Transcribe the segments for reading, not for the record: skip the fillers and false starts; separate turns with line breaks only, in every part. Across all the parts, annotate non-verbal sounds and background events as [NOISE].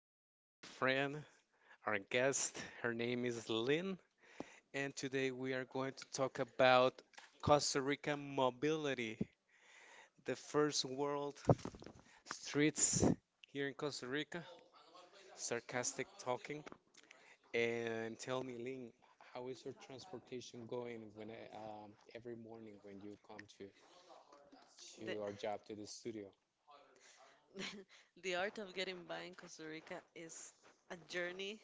have our friend, our guest. Her name is Lynn, and today we are going to talk about Costa Rica mobility, the first world streets here in Costa Rica. Sarcastic talking. And tell me, Lynn, how is your transportation going when every morning when you come to
The,
to our job to the studio?
[LAUGHS] the art of getting by in Costa Rica is a journey,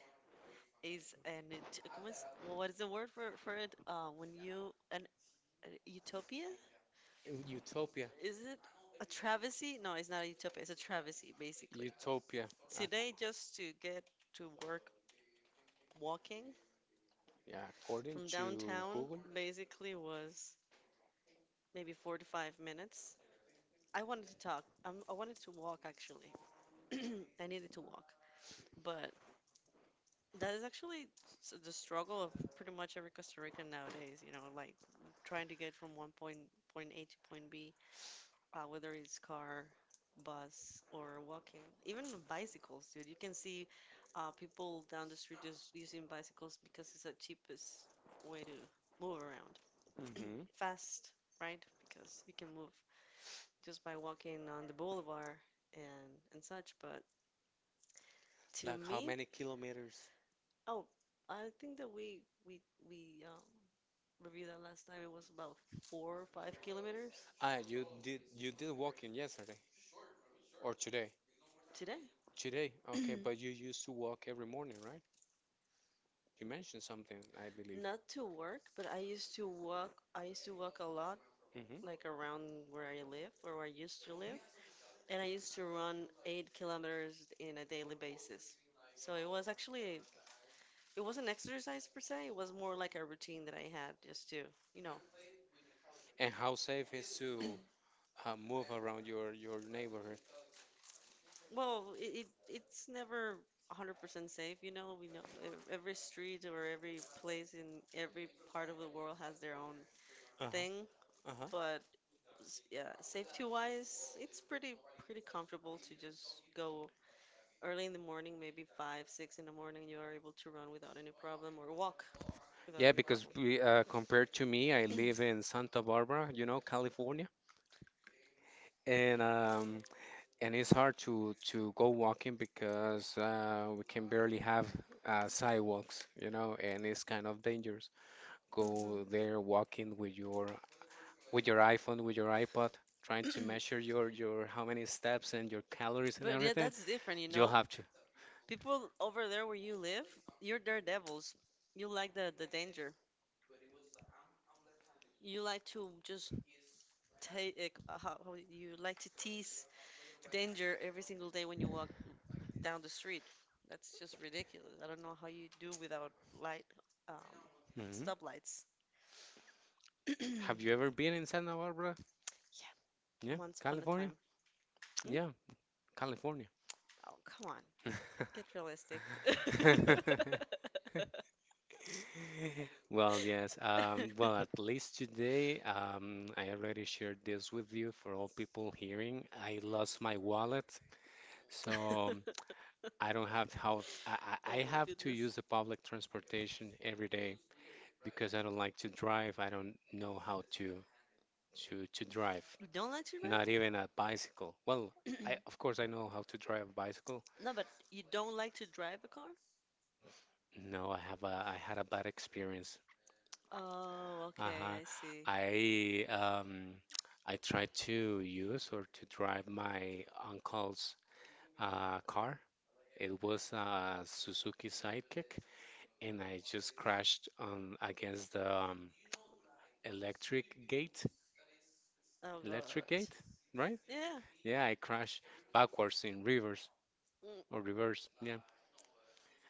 is an ut- ¿cómo es? Well, what is the word for it? When you an, a utopia?
Utopia.
Is it a travesty? No, it's not a utopia. It's a travesty, basically.
Utopia.
Today, just to get to work walking
Yeah, according
from
to
downtown,
Google.
basically was maybe 45 minutes. I wanted to talk. I wanted to walk actually. [CLEARS THROAT] I needed to walk, but that is actually the struggle of pretty much every Costa Rican nowadays, you know, like trying to get from one point point A to point B, whether it's car, bus, or walking, even bicycles, dude. You can see people down the street just using bicycles because it's the cheapest way to move around.
hmm
Fast, right? Because you can move just by walking on the boulevard and such. But to
like how
me,
many kilometers?
oh, I think that we review that last time. It was about 4 or 5 kilometers
Ah, you did walking yesterday or today?
today.
Today, okay, but you used to walk every morning, right? You mentioned something, I believe.
Not to work, but I used to walk. I used to walk a lot,
Hmm.
like around where I live or where I used to live. And I used to run 8 kilometers in a daily basis. So it was actually, it wasn't exercise per se. It was more like a routine that I had just to, you know,
And how safe is to move around your neighborhood?
well, it it's never 100% safe, you know. We know every street or every place in every part of the world has their own thing.
Uh-huh. Uh-huh.
But yeah, safety wise, it's pretty comfortable to just go early in the morning, maybe five, six in the morning. You are able to run without any problem or walk without
Yeah,
any.
because we compared to me, I live in Santa Barbara, California, and um, and it's hard to go walking because we can barely have sidewalks, and it's kind of dangerous.
Mhm.
Go there walking with your iPhone, with your iPod, trying to measure
[CLEARS THROAT]
your how many steps and your calories and
But yeah,
everything.
that's different, you
You'll
know.
have to.
People over there where you live, you're daredevils. You like the danger. You like to just take how you like to tease danger every single day when you walk down the street. That's just ridiculous. I don't know how you do without light, um,
Mhm.
stoplights.
Have you
[CLEARS THROAT]
ever been in Santa Barbara?
Yeah,
Yeah,
once upon a
California.
time. Hmm?
Yeah, California.
Oh, come on. Get realistic. [LAUGHS]
[LAUGHS] Well, yes. Well, at least today, I already shared this with you for all people hearing. I lost my wallet, so I don't have how I, I
Oh
I
my
have to
goodness.
use the public transportation every day because I don't like to drive. I don't know how to drive,
You don't like to drive?
not even a bicycle. Well, I of course
[CLEARS THROAT]
I know how to drive a bicycle.
No, but you don't like to drive a car?
No, I had a bad experience.
Oh, okay,
Uh-huh.
I see.
I [TSK] I tried to use or to drive my uncle's car. It was a Suzuki Sidekick, and I just crashed on against the electric gate.
Oh
Electric
God.
gate, right?
Yeah.
Yeah, I crashed backwards in reverse
Mm,
or reverse. Yeah,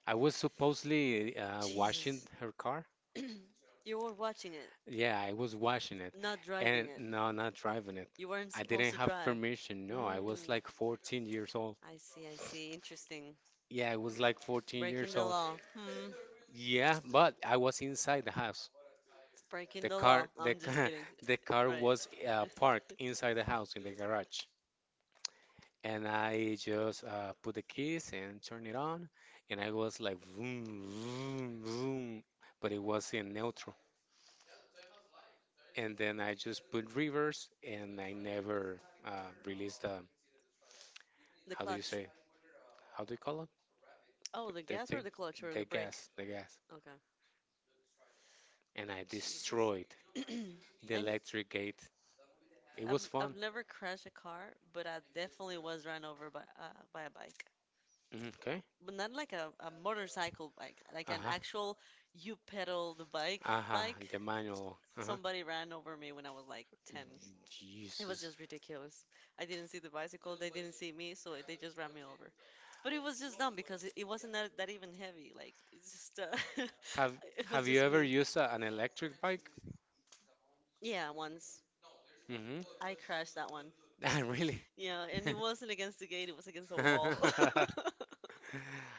I was supposedly washing
Jesus.
her car.
[CLEARS THROAT] You were watching it,
Yeah, I was watching it.
not driving
And
it.
no, not driving it.
You weren't
I
supposed
didn't
to
have
drive.
permission. No, I was
Mm,
like 14 years old.
I see, I see. Interesting.
Yeah, I was like 14
Breaking
years
the
old.
law. Hmm.
Yeah, but I was inside the house.
Breaking
The
the
car,
law. No,
the
I'm just
car,
kidding. [LAUGHS]
[LAUGHS] the car
Right.
was
[LAUGHS]
parked inside the house in the garage. And I just put the keys and turn it on, and I was like vroom, vroom, vroom, but it was in neutral. And then I just put reverse, and I never uh, released the,
The
how do you
clutch.
say, how do you call it?
Oh, the
The
gas or
thing,
the clutch or the
the
brake?
gas, the gas.
Okay.
And I
Jesus.
destroyed
[CLEARS THROAT]
the
And
electric gate. It was
I've I've
fun.
never crashed a car, but I definitely was run over by a bike.
Mm. Okay.
But not like a motorcycle bike, like an
Uh-huh.
actual you pedal the bike
Uh-huh.
bike.
The manual. Uh-huh.
Somebody ran over me when I was like 10. It was
Jesus.
just ridiculous. I didn't see the bicycle, they didn't see me, so they just ran me over. But it was just dumb because it wasn't that even heavy. Like, it's just, [LAUGHS]
Have
it
Have
was
you
just
ever
me.
used an electric bike?
Yeah, once.
Mm-hmm.
I crashed that one.
[LAUGHS] Really?
Yeah, and it wasn't against the gate, it was against the wall. [LAUGHS]
[LAUGHS]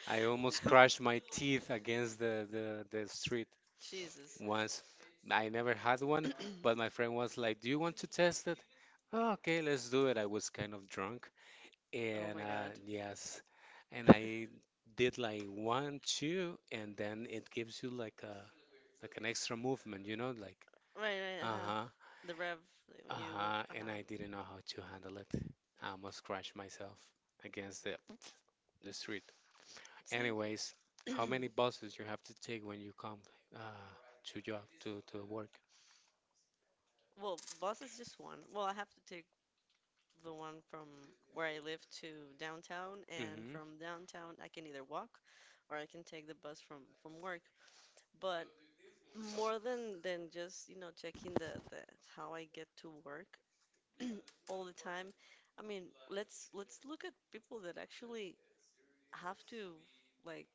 I almost crashed my teeth against the street
Jesus.
once. I never had one, but my friend was like, "Do you want to test it?" "Oh, okay, let's do it." I was kind of drunk.
Oh
And
my god.
yes, and I
[LAUGHS]
did like one, two, and then it gives you like a like an extra movement, like
Right, right, uh huh.
uh-huh,
The rev, like, when you move,
uh-huh.
uh
And
huh.
I didn't know how to handle it. I almost crashed myself against the street.
See?
Anyways, how
[CLEARS THROAT]
many buses you have to take when you come uh to job to work?
Well, bus is just one. Well, I have to take the one from where I live to downtown, and
Mm-hmm.
from downtown I can either walk or I can take the bus from work. But more than just, you know, checking the how I get to work all the time, I mean, let's look at people that actually have to like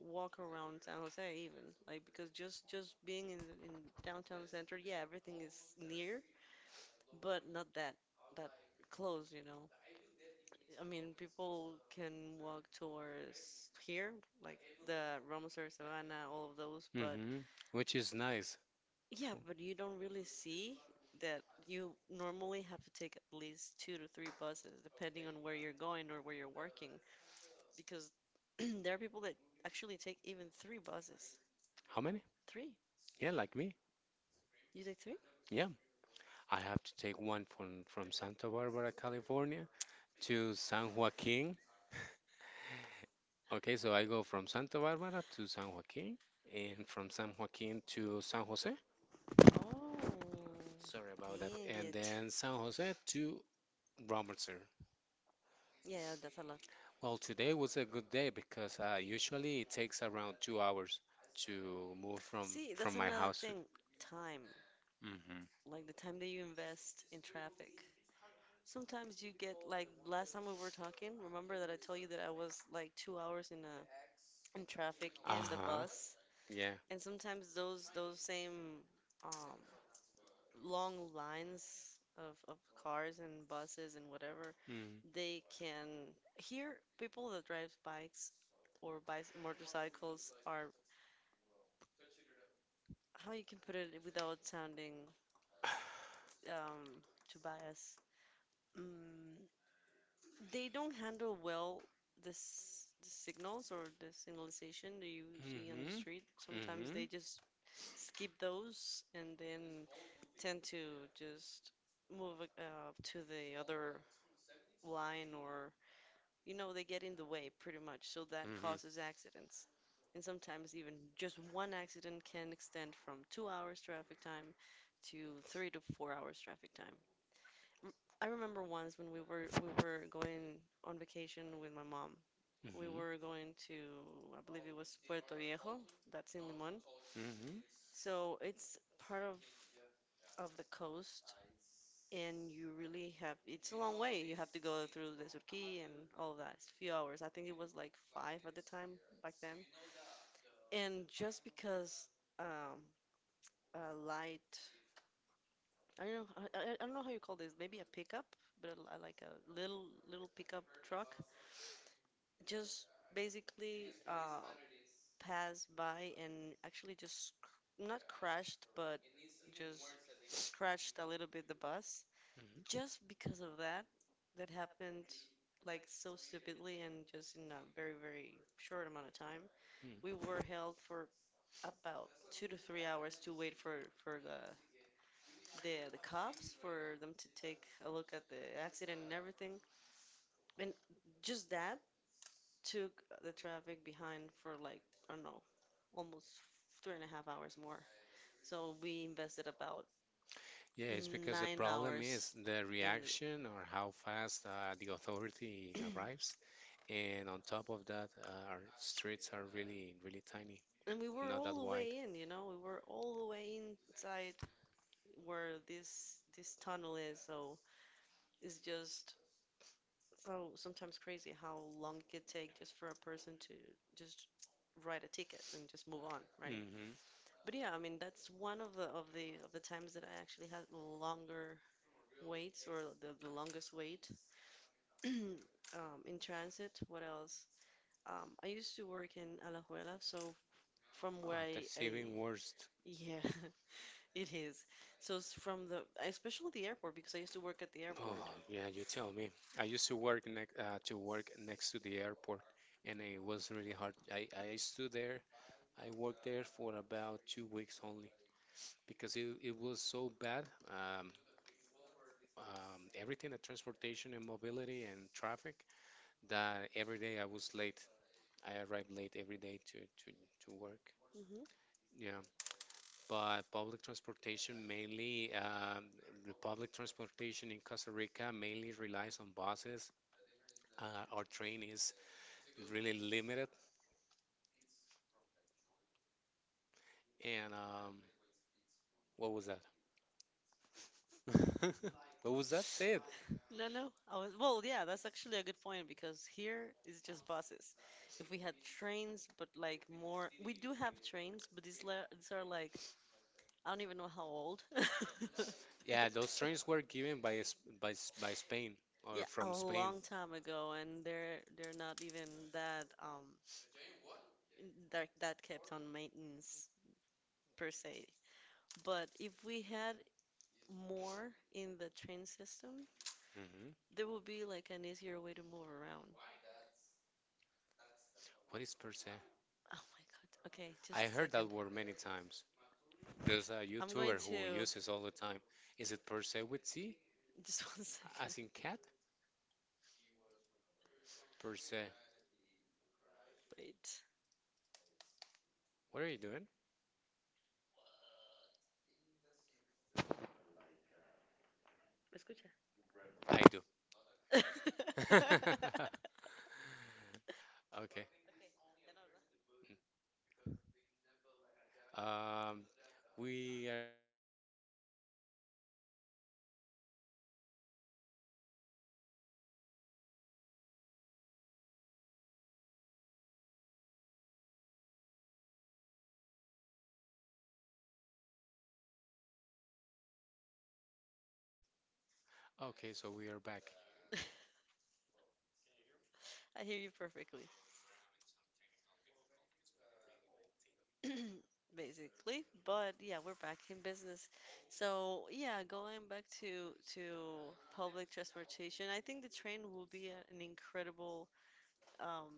walk around San Jose even, like because just being in downtown center, yeah, everything is near but not that close, you know. I mean, people can walk towards here, like the Ramoser Savannah, all of those, but
Hmm. Which is nice.
yeah,
For-
but you don't really see that you normally have to take at least two to three buses, depending on where you're going or where you're working, because [CLEARS THROAT] there are people that actually take even three buses.
How many?
Three?
Yeah, like me.
You take three?
Yeah, I have to take one from Santa Barbara, California to San Joaquin. Okay, so I go from Santa Barbara to San Joaquin and from San Joaquin to San Jose.
Oh,
Sorry about that.
dang
And
it.
then San Jose to Robertson.
Yeah, that's a lot.
Well, today was a good day because usually it takes around 2 hours to move from
See, that's
from my
another
house.
thing. Time.
Hmm.
Like the time that you invest in traffic. Sometimes you get like last time we were talking, remember that I told you that I was like 2 hours in traffic in the
Uh-huh.
bus,
Yeah.
and sometimes those same um, long lines of cars and buses and whatever,
Mm.
they can hear people that drive bikes or bikes motorcycles are how you can put it without sounding um, to bias. Mm, They don't handle well this the signals or the signalization that you see on the
Mm-hmm.
street. Sometimes
Mm-hmm.
they just skip those and then tend to just move to the other line or you know they get in the way pretty much. So that
Mm-hmm.
causes accidents. And sometimes even just one accident can extend from 2 hours traffic time to 3 to 4 hours traffic time. I remember once when we were going on vacation with my mom, we
Mm-hmm.
were going to, I believe it was Puerto Viejo, that's in Limon.
Mm-hmm.
So it's part of the coast, and you really have, it's a long way. You have to go through the Surquí and all of that. It's a few hours. I think it was like five at the time back then. And just because um, a light, I don't know, I don't know how you call this, maybe a pickup, but like a little pickup truck, just basically passed by and actually just not crashed, but just scratched a little bit the bus.
Mm-hmm.
Just because of that, that happened like so stupidly and just in a very, very short amount of time. We were held for about 2 to 3 hours to wait for the cops for them to take a look at the accident and everything. And just that took the traffic behind for like, I don't know, almost three and a half hours more. So we invested about
Yeah, it's because the
nine
problem
hours
is the
in the,
reaction or how fast the authority arrives. And on top of that, our streets are really, really tiny,
and we were
not that
all the
wide.
way in, you know, we were all the way inside where this tunnel is. So it's just so sometimes crazy how long it could take just for a person to just write a ticket and just move on, right?
Mm-hmm.
But yeah, I mean that's one of the of the times that I actually had longer waits or the longest wait in transit. What else? I used to work in Alajuela, so from where
Oh, that's
I
even worse.
yeah, [LAUGHS] it is. So it's from the, especially the airport, because I used to work at the
Oh,
airport.
yeah, you tell me. I used to work next to the airport, and it was really hard. I stood there. I worked there for about 2 weeks only because it was so bad. Um, everything, the transportation and mobility and traffic, that every day I was late. I arrived late every day to work.
Hmm.
Yeah, by public transportation, mainly the public transportation in Costa Rica mainly relies on buses. Our train is really limited. And what was that? [LAUGHS] What was that said?
No, no, I was, well, yeah, that's actually a good point because here is just buses. If we had trains, but like more, we do have trains, but these, these are like, I don't even know how old.
Yeah, those trains were
[LAUGHS]
given by Spain or
Yeah, a
from Spain.
long time ago, and they're not even that that kept on maintenance per se. But if we had more in the train system,
Mhm.
there would be like an easier way to move around.
What is per se?
Oh my God. Okay, just
I
a
heard that
second.
word many times. There's a
I'm going
YouTuber who
to
uses all the time. Is it per se with C,
[LAUGHS] just one second.
as in cat? Per se.
Wait.
What are you doing?
¿Me Escucha.
I do. [LAUGHS]
[LAUGHS]
Okay. Um, we are. Okay, so we are back.
I hear you perfectly. Basically. But yeah, we're back in business. So yeah, going back to public transportation, I think the train will be a, an incredible um,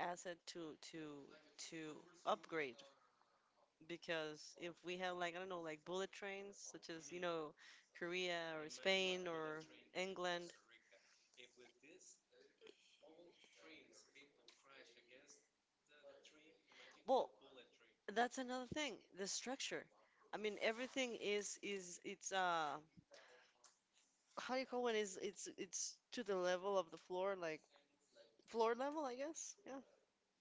asset to to to upgrade because if we have like I don't know like bullet trains such as you know Korea or Spain or England, well, that's another thing. The structure. I mean, everything is it's how do you call it's it's to the level of the floor, like floor level, I guess. Yeah.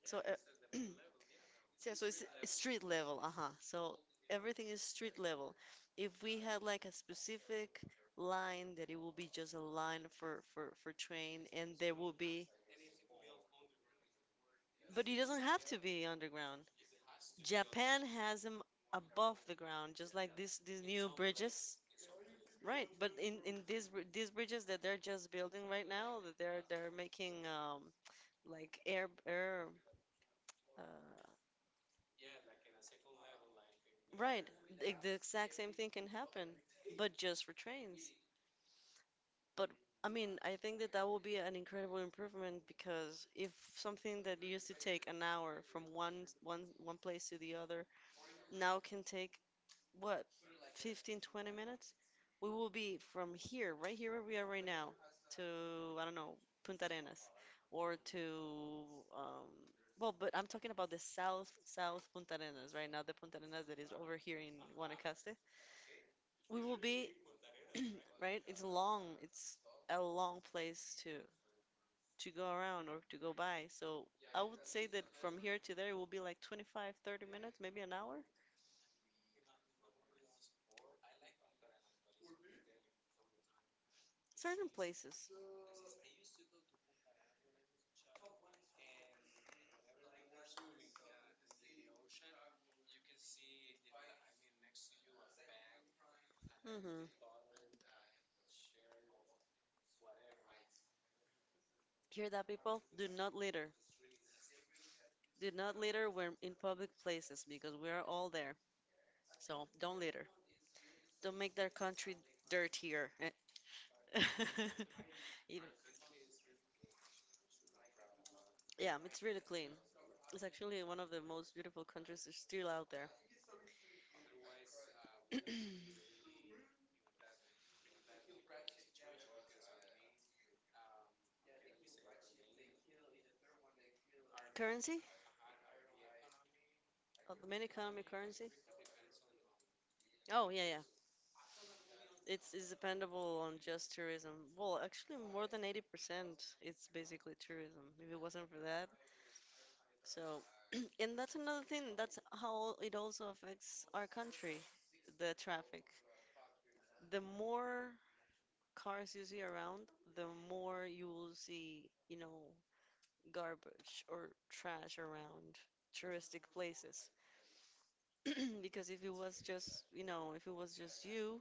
So, [CLEARS THROAT] yeah, so it's street level. Uh-huh. So everything is street level. If we had like a specific line that it will be just a line for for train and there will be, but it doesn't have to be underground. Japan has them above the ground, just like this these new bridges. Right, but in these these bridges that they're just building right now, that they're making like air uh, Right. The exact same thing can happen, but just for trains. But I mean, I think that that will be an incredible improvement because if something that used to take an hour from one place to the other now can take, what, 15-20 minutes, we will be from here, right here where we are right now, to, I don't know, Punta Arenas or to um well. But I'm talking about the south Punta Arenas right now, the Punta Arenas that is over here in Guanacaste. We will be right. It's a long place to go around or to go by. So I would say that from here to there it will be like 25, 30 minutes, maybe an hour, certain places. Hmm. Hear that people do not litter, do not litter when in public places because we are all there. So don't litter, don't make their country dirtier, eh. [LAUGHS] Even- yeah, it's really clean. It's actually one of the most beautiful countries that's still out there. Currency The main economy currency. Oh yeah, yeah. It's dependable on just tourism. Well, actually, more than 80% it's basically tourism. If it wasn't for that, so. [CLEARS THROAT] And that's another thing. That's how it also affects our country, the traffic. The more cars you see around, the more you will see, garbage or trash around touristic places. [CLEARS THROAT] Because if it was just, if it was just you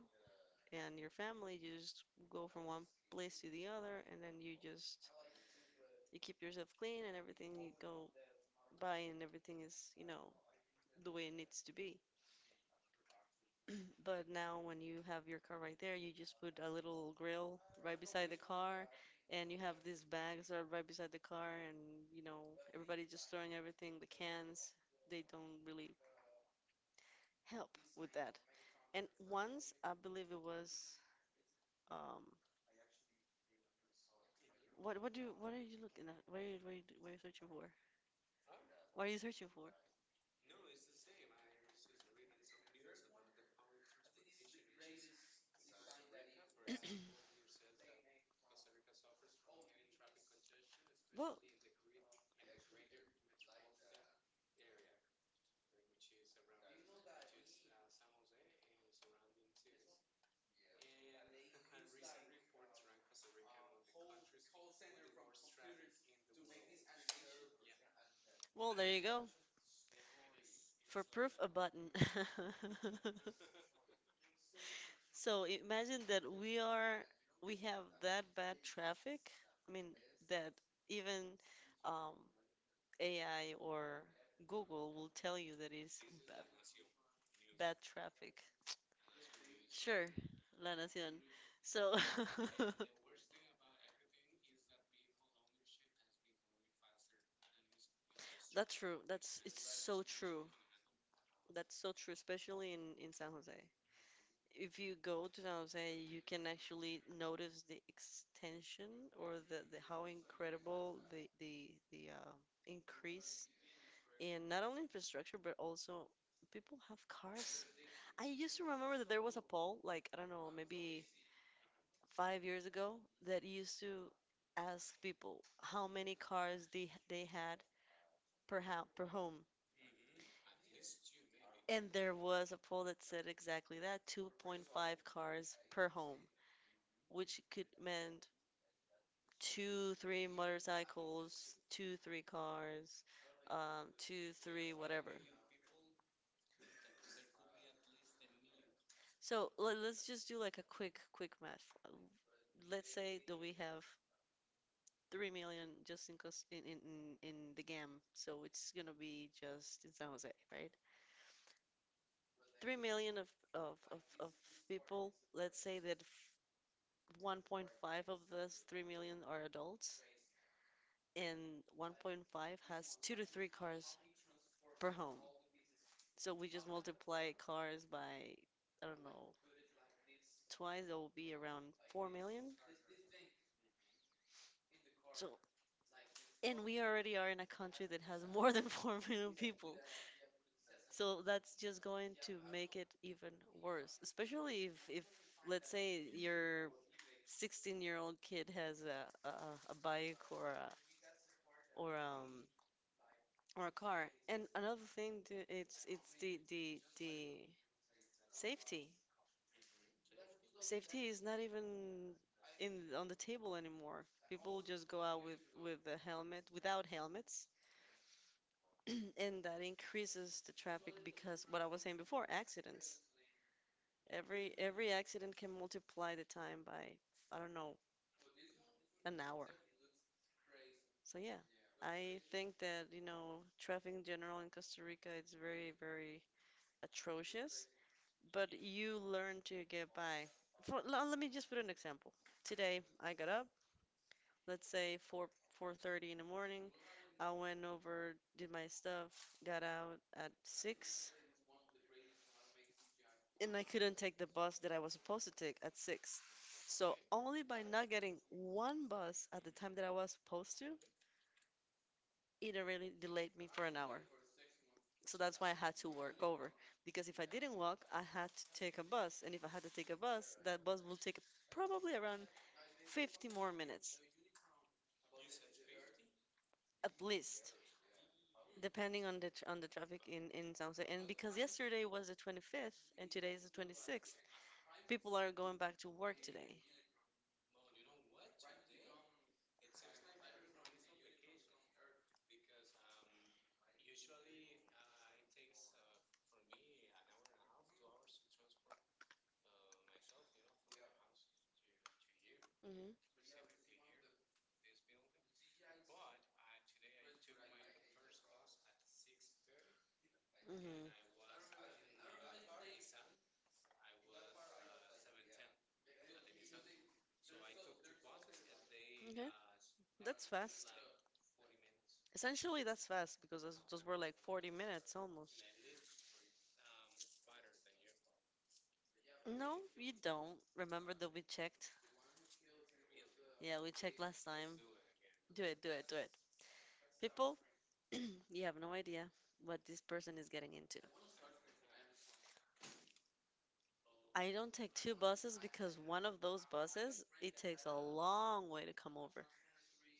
and your family, you just go from one place to the other, and then you keep yourself clean and everything you go by, and everything is, the way it needs to be. But now when you have your car right there, you just put a little grill right beside the car, and you have these bags that are right beside the car and, you know, everybody just throwing everything, the cans, they don't really help with that. And once I believe it was um what are you looking at? What are you searching for? What are you searching for? Well, there you go. For proof, a button. [LAUGHS] So imagine that we have that bad traffic. I mean that even um, AI or Google will tell you that it's bad bad traffic. Sure, La Nación. So, [LAUGHS] that's true. That's It's so true. That's so true, especially in San Jose. If you go to San Jose, you can actually notice the extension, or the, how incredible the increase in not only infrastructure but also people have cars. I used to remember that there was a poll, like, I don't know, maybe 5 years ago, that used to ask people how many cars they had per home. And there was a poll that said exactly that, 2.5 cars per home, which could meant two, three motorcycles, two, three cars, two, three, whatever. So let's just do like a quick, quick math. Let's say that we have 3 million just in cus in the GAM, so it's gonna be just in San Jose, right? 3 million of of people. Let's say that 1.5 of those 3 million are adults, and 1.5 has two to three cars per home. So we just multiply cars by, I don't know, twice. It will be around 4 million. So, and we already are in a country that has more than [LAUGHS] 4 million people. So that's just going to make it even worse, especially if let's say your 16-year-old kid has a bike, or or um or a car. And another thing, it's the safety. Safety is not even in on the table anymore. People just go out with a helmet, without helmets. [CLEARS THROAT] And that increases the traffic because, what I was saying before, accidents. Every accident can multiply the time by, I don't know, an hour. So yeah, I think that, traffic in general in Costa Rica, it's very, very atrocious, but you learn to get by. Let me just put an example. Today I got up, let's say 4, 4:30 in the morning. I went over, did my stuff, got out at 6, and I couldn't take the bus that I was supposed to take at 6. So only by not getting one bus at the time that I was supposed to, it really delayed me for an hour. So that's why I had to work over, because if I didn't walk, I had to take a bus, and if I had to take a bus, that bus will take probably around 50 more minutes at least. Depending on the tr on the traffic in San Jose, and because yesterday was the 25th and today is the 26th, people are going back to work today. Hmm. Hmm. Okay. That's fast. Essentially, that's fast because those were like 40 minutes almost. No, you don't. Remember that we checked? Yeah, we checked last time. Do it, do it, do it. People, [CLEARS THROAT] you have no idea what this person is getting into. I don't take two buses because one of those buses, it takes a long way to come over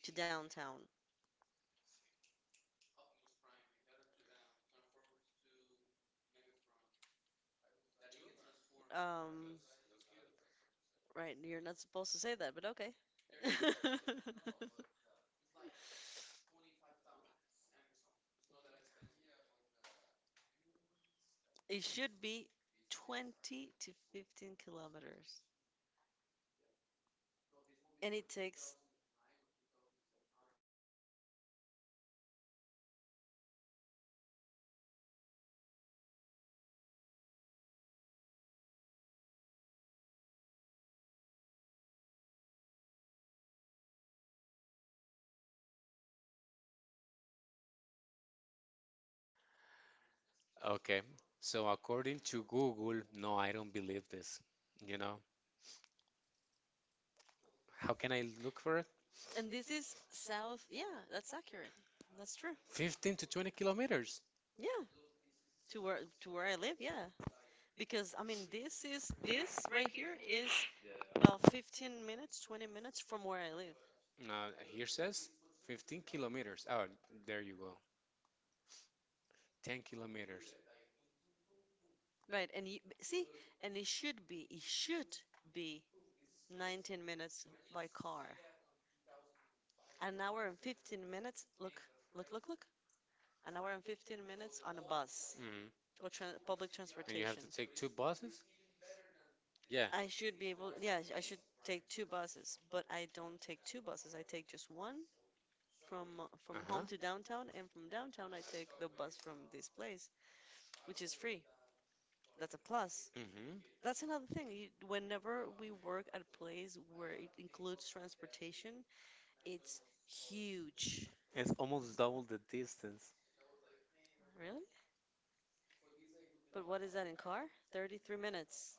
to downtown. Um, right, you're not supposed to say that, but okay. [LAUGHS] It should be 20 to 15 kilometers, and it takes.
Okay. So according to Google, no, I don't believe this. You know, how can I look for it?
And this is south. Yeah, that's accurate. That's true.
15 to 20 kilometers.
Yeah, to where I live. Yeah, because I mean, this right here is about 15 minutes, 20 minutes from where I live.
Here says 15 kilometers. Oh, there you go. 10 kilometers.
Right, and you see, and it should be 19 minutes by car. An hour and 15 minutes, look, look, look, look. An hour and 15 minutes on a bus
hmm
or tran public
And you have
transportation.
to take two buses? Yeah.
I should be able, yeah, I should take two buses, but I don't take two buses. I take just one from from
Uh-huh.
home to downtown, and from downtown I take the bus from this place, which is free. That's a plus.
hmm
That's another thing. You, whenever we work at a place where it includes transportation, it's huge.
It's almost double the distance.
Really? But what is that in car? 33 minutes.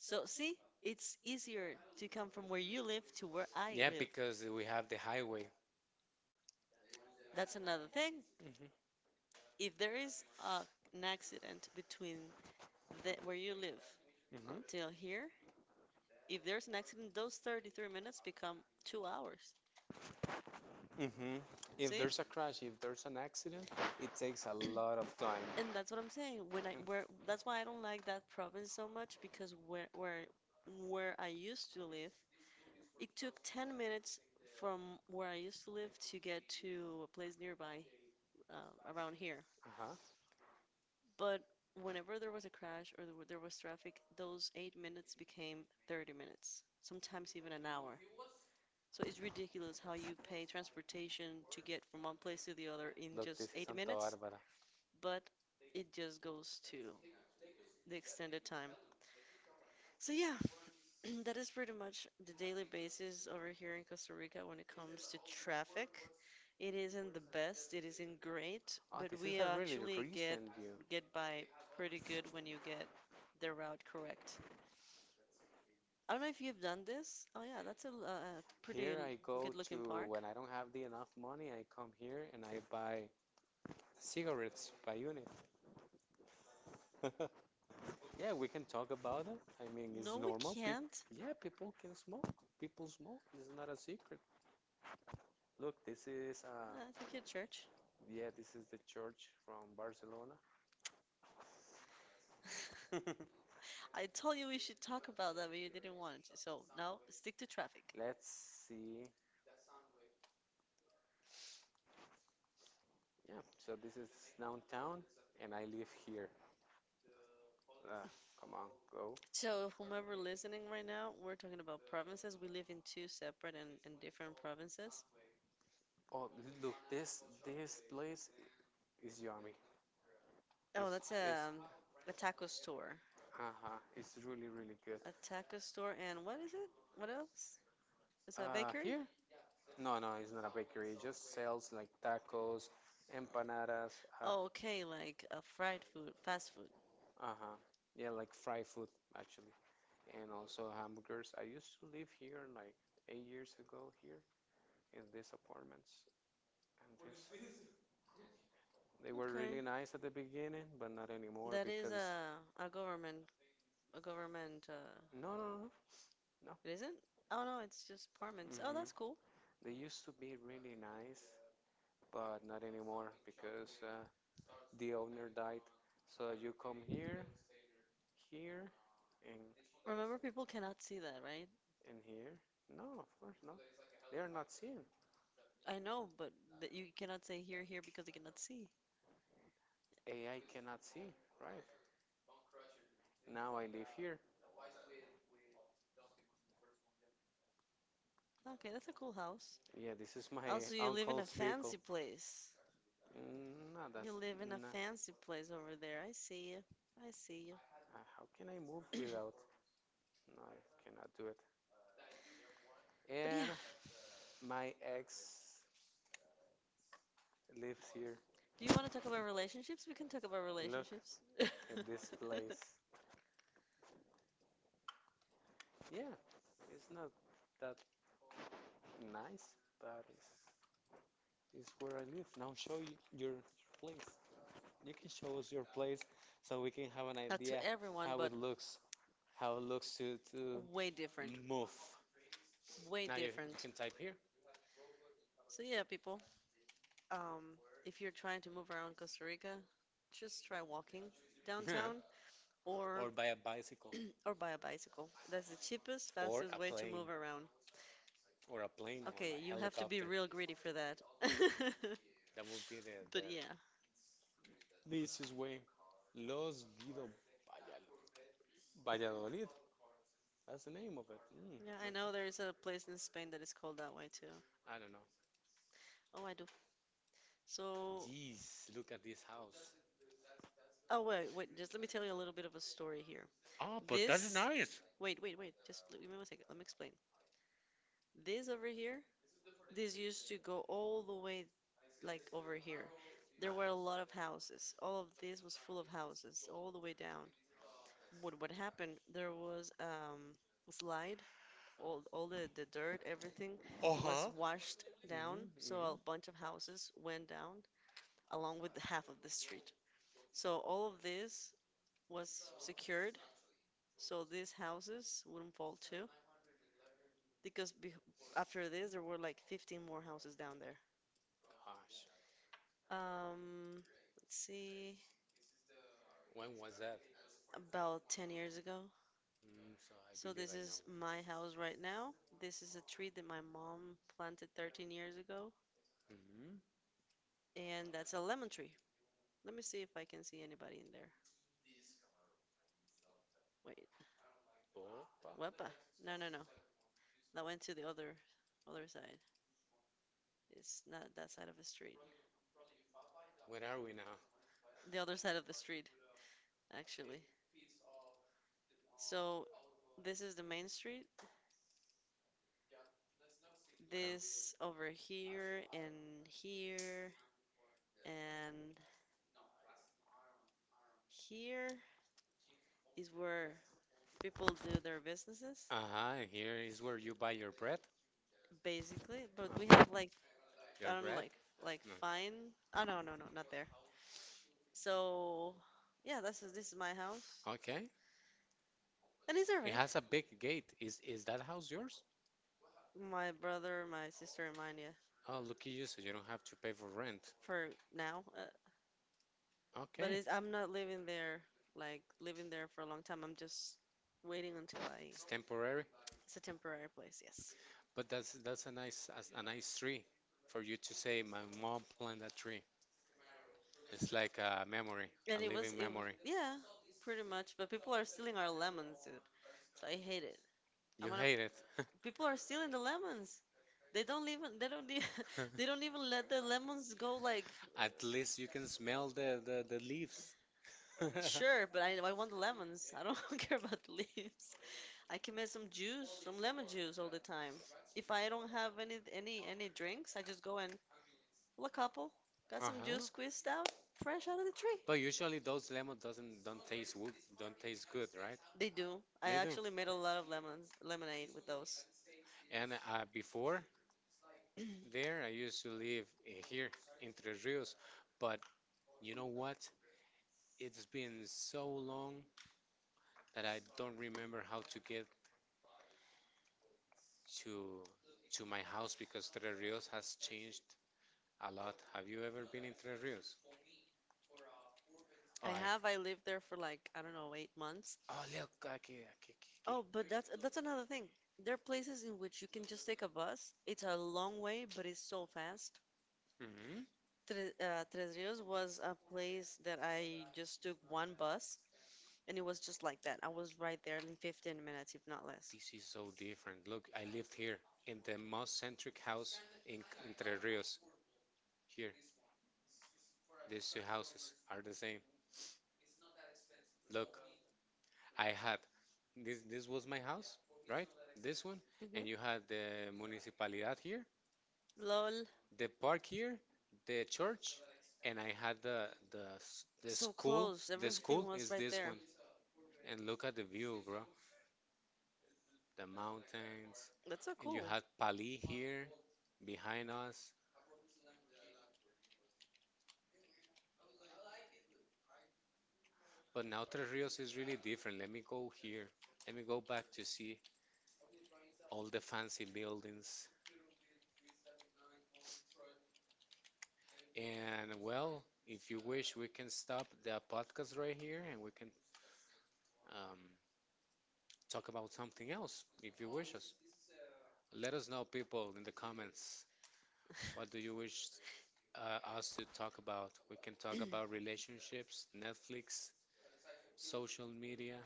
So, see, it's easier to come from where you live to where I
Yeah,
live.
because we have the highway.
That's another thing.
hmm
If there is an accident between where you live
hmm
until here, if there's an accident, those 33 minutes become 2 hours.
hmm If
See?
there's a crash, if there's an accident, it takes a lot of time.
And that's what I'm saying. When I
And
where That's why I don't like that province so much, because where I used to live, it took 10 minutes from where I used to live to get to a place nearby, around here.
Ajá.
But whenever there was a crash, or there was traffic, those 8 minutes became 30 minutes, sometimes even an hour. So it's ridiculous how you pay transportation to get from one place to the other in
Look,
just
this is
eight
Santa
minutes,
Barbara.
but it just goes to the extended time. So yeah, [CLEARS THROAT] that is pretty much the daily basis over here in Costa Rica when it comes to traffic. It isn't the best, it isn't great,
Oh,
but
this is
we
a really
actually
recent view.
get by pretty good when you get the route correct. I don't know if you've done this. Oh yeah, that's a pretty
Here I go
good looking
to
park.
when I don't have the enough money, I come here and I buy cigarettes by unit. [LAUGHS] Yeah, we can talk about it. I mean, it's
No, we
normal. People,
can't.
yeah, people can smoke. People smoke. It's not a secret. Look, this is uh,
It's a cute church.
yeah, this is the church from Barcelona.
[LAUGHS]
[LAUGHS]
I told you we should talk about that, but you didn't want to. So now stick to traffic.
Let's see. Yeah, so this is downtown, and I live here. Uh, come on, go.
So, whomever listening right now, we're talking about provinces. We live in two separate and different provinces.
Oh, look, this place is yummy.
Oh,
It's
that's
it's,
a taco store.
uh-huh, it's really good.
A taco store, and what is it? What else? Is that a
Uh,
bakery?
here? No, no, it's not a bakery. It just sells like tacos, empanadas. Uh,
Oh, okay, like fried food, fast food.
uh-huh. Yeah, like fried food actually, and also hamburgers. I used to live here like 8 years ago here, in these apartments. And this, they were
Okay.
really nice at the beginning, but not anymore
That is
because
a government a government,
no, no, no, no.
it
Oh no,
isn't? Oh no, it's just
oh,
apartments. Oh,
mhm.
that's
Cool.
cool.
They used to be really nice, but not anymore because the owner died. So you come here, here, and
Remember people cannot see that, right?
and here. No, of course not. They are not seen.
I know, but th you cannot say here, here, because they cannot see.
AI cannot see, right? Now I live here.
Okay, that's a cool house.
Yeah, this is my. Oh,
Also,
so
you live in a
uncle's
fancy
vehicle.
place.
Mm, no,
You
that's
live in a
no.
fancy place over there. I see you. I see you.
How can I move without? No, I cannot do it.
But
And
yeah,
my ex lives here.
do you want to talk about relationships? We can talk about
Look
relationships. [LAUGHS]
at this place. Yeah, it's not that nice, but it's where I live. Now show you your place. You can show us your place so we can have an
Not to
idea
everyone,
how
but
it looks, how it looks to
way different.
move.
Way
Now you
different.
can type here.
So yeah, people. Um, If you're trying to move around Costa Rica, just try walking
[LAUGHS] Yeah,
downtown or
or by a bicycle
[CLEARS THROAT] or buy a bicycle. That's the cheapest,
or
fastest
a
way to
plane
move around.
or a plane or
Okay,
a
you have to be
helicopter,
real greedy for that. [LAUGHS]
that would be the, the
But yeah,
the easiest way. Los Guido Vallal- Valladolid, that's the name of it. Mm,
yeah, I
yeah,
know there is a
okay.
place in Spain that is called that way too.
I don't know.
Oh, I do. So,
Jeez, look at this house.
oh wait, wait, just let me tell you a little bit of a story here.
Oh, but that's
This,
nice.
wait, wait, wait, just give me one second. Let me explain. This over here. This Used to go all the way like over here. There were a lot of
Uh-huh.
houses. All of this was full of houses, all the way down. What happened? There was a slide. All the dirt, everything was washed down.
Mhm,
So a
mhm.
bunch of houses went down along with the half of the street. So all of this was secured so these houses wouldn't fall too, because be after this there were like 15 more houses down there.
Gosh,
Um, let's see.
when was that?
About 10 years ago.
Mm, so I
So
believe
this
I know.
is my house right now. This is a tree that my mom planted 13 years ago,
Hmm.
and that's a lemon tree. Let me see if I can see anybody in there. Wait.
Opa.
Wepa. No, no, no. That went to the other side. It's not that side of the street.
What Where are we now?
The other side of the street, actually. So this is the main street. This
Okay.
over here and here and here is where people do their businesses,
Uh-huh, here is where you buy your bread.
basically. But we have
Uh,
like, I
Your
don't know,
bread?
like
Mm.
fine. Oh no, no, no, not there. So yeah, this is my house,
Okay.
and it's
It
alright.
has a big gate. Is that house yours?
My brother, my sister, and mine. Yeah,
Oh, lucky you, so you don't have to pay for rent.
for now.
But
But
okay.
I'm not living there, like living there for a long time. I'm just waiting until I.
It's temporary,
It's a temporary place, yes.
but that's a a nice tree for you to say. My mom planted that tree. It's like a memory, a
And
living
it was,
memory.
yeah, pretty much. But people are stealing our lemons, dude. So I hate it. I'm
You
gonna
hate it.
People are stealing the lemons. They don't even [LAUGHS] they don't
[LAUGHS]
even let the lemons go. Like,
At least you can smell the leaves.
sure,
[LAUGHS]
but I want the lemons. I don't [LAUGHS] care about the leaves. I can make some juice, some lemon juice all the time. If I don't have any drinks, I just go and pull a couple, got some juice
Uh-huh.
squeezed out, fresh out of the tree.
But usually those lemon doesn't don't taste wo- don't taste good, right?
They do. I
They do.
actually made a lot of lemons lemonade with those.
And before,
[CLEARS THROAT]
there, I used to live here in Tres Rios, but you know what? It's been so long that I don't remember how to get to to my house because Tres Rios has changed a lot. Have you ever been in Tres Rios? Oh,
I
I.
have. I lived there for like, I don't know, 8 months.
Oh, look, aquí, aquí,
Oh,
aquí.
but that's another thing. There are places in which you can just take a bus. It's a long way, but it's so fast.
Oh, mm-hmm.
Tres Rios was a place that I just took one bus, and it was just like that. I was right there in 15 minutes, if not less.
This is so different. Look, I lived here in the most centric house in Entre Rios. Here, these two houses are the same. Look, I had this. This was my house, right? This one,
Hmm.
and you had the municipalidad here,
Lol,
the park here, the church, and I had the
so
school.
close.
The
Everything
school
was
is
right
this
there.
one, and look at the view, bro. The mountains,
That's so
and you
cool.
had Pali here behind us. But now Tres Rios is really different. Let me go here. Let me go back to see all the fancy buildings. And well, if you wish, we can stop the podcast right here and we can um, talk about something else if you wish us. Let us know, people, in the comments. What do you wish us to talk about. We can talk about relationships, Netflix, social media.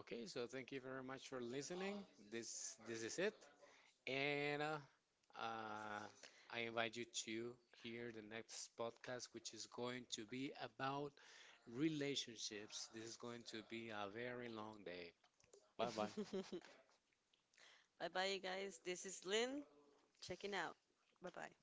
Okay, so thank you very much for listening. This is it, and uh, I invite you to hear the next podcast, which is going to be about relationships. This is going to be a very long day. Bye bye.
[LAUGHS] Bye bye, you guys. This is Lynn. Checking out. Bye bye.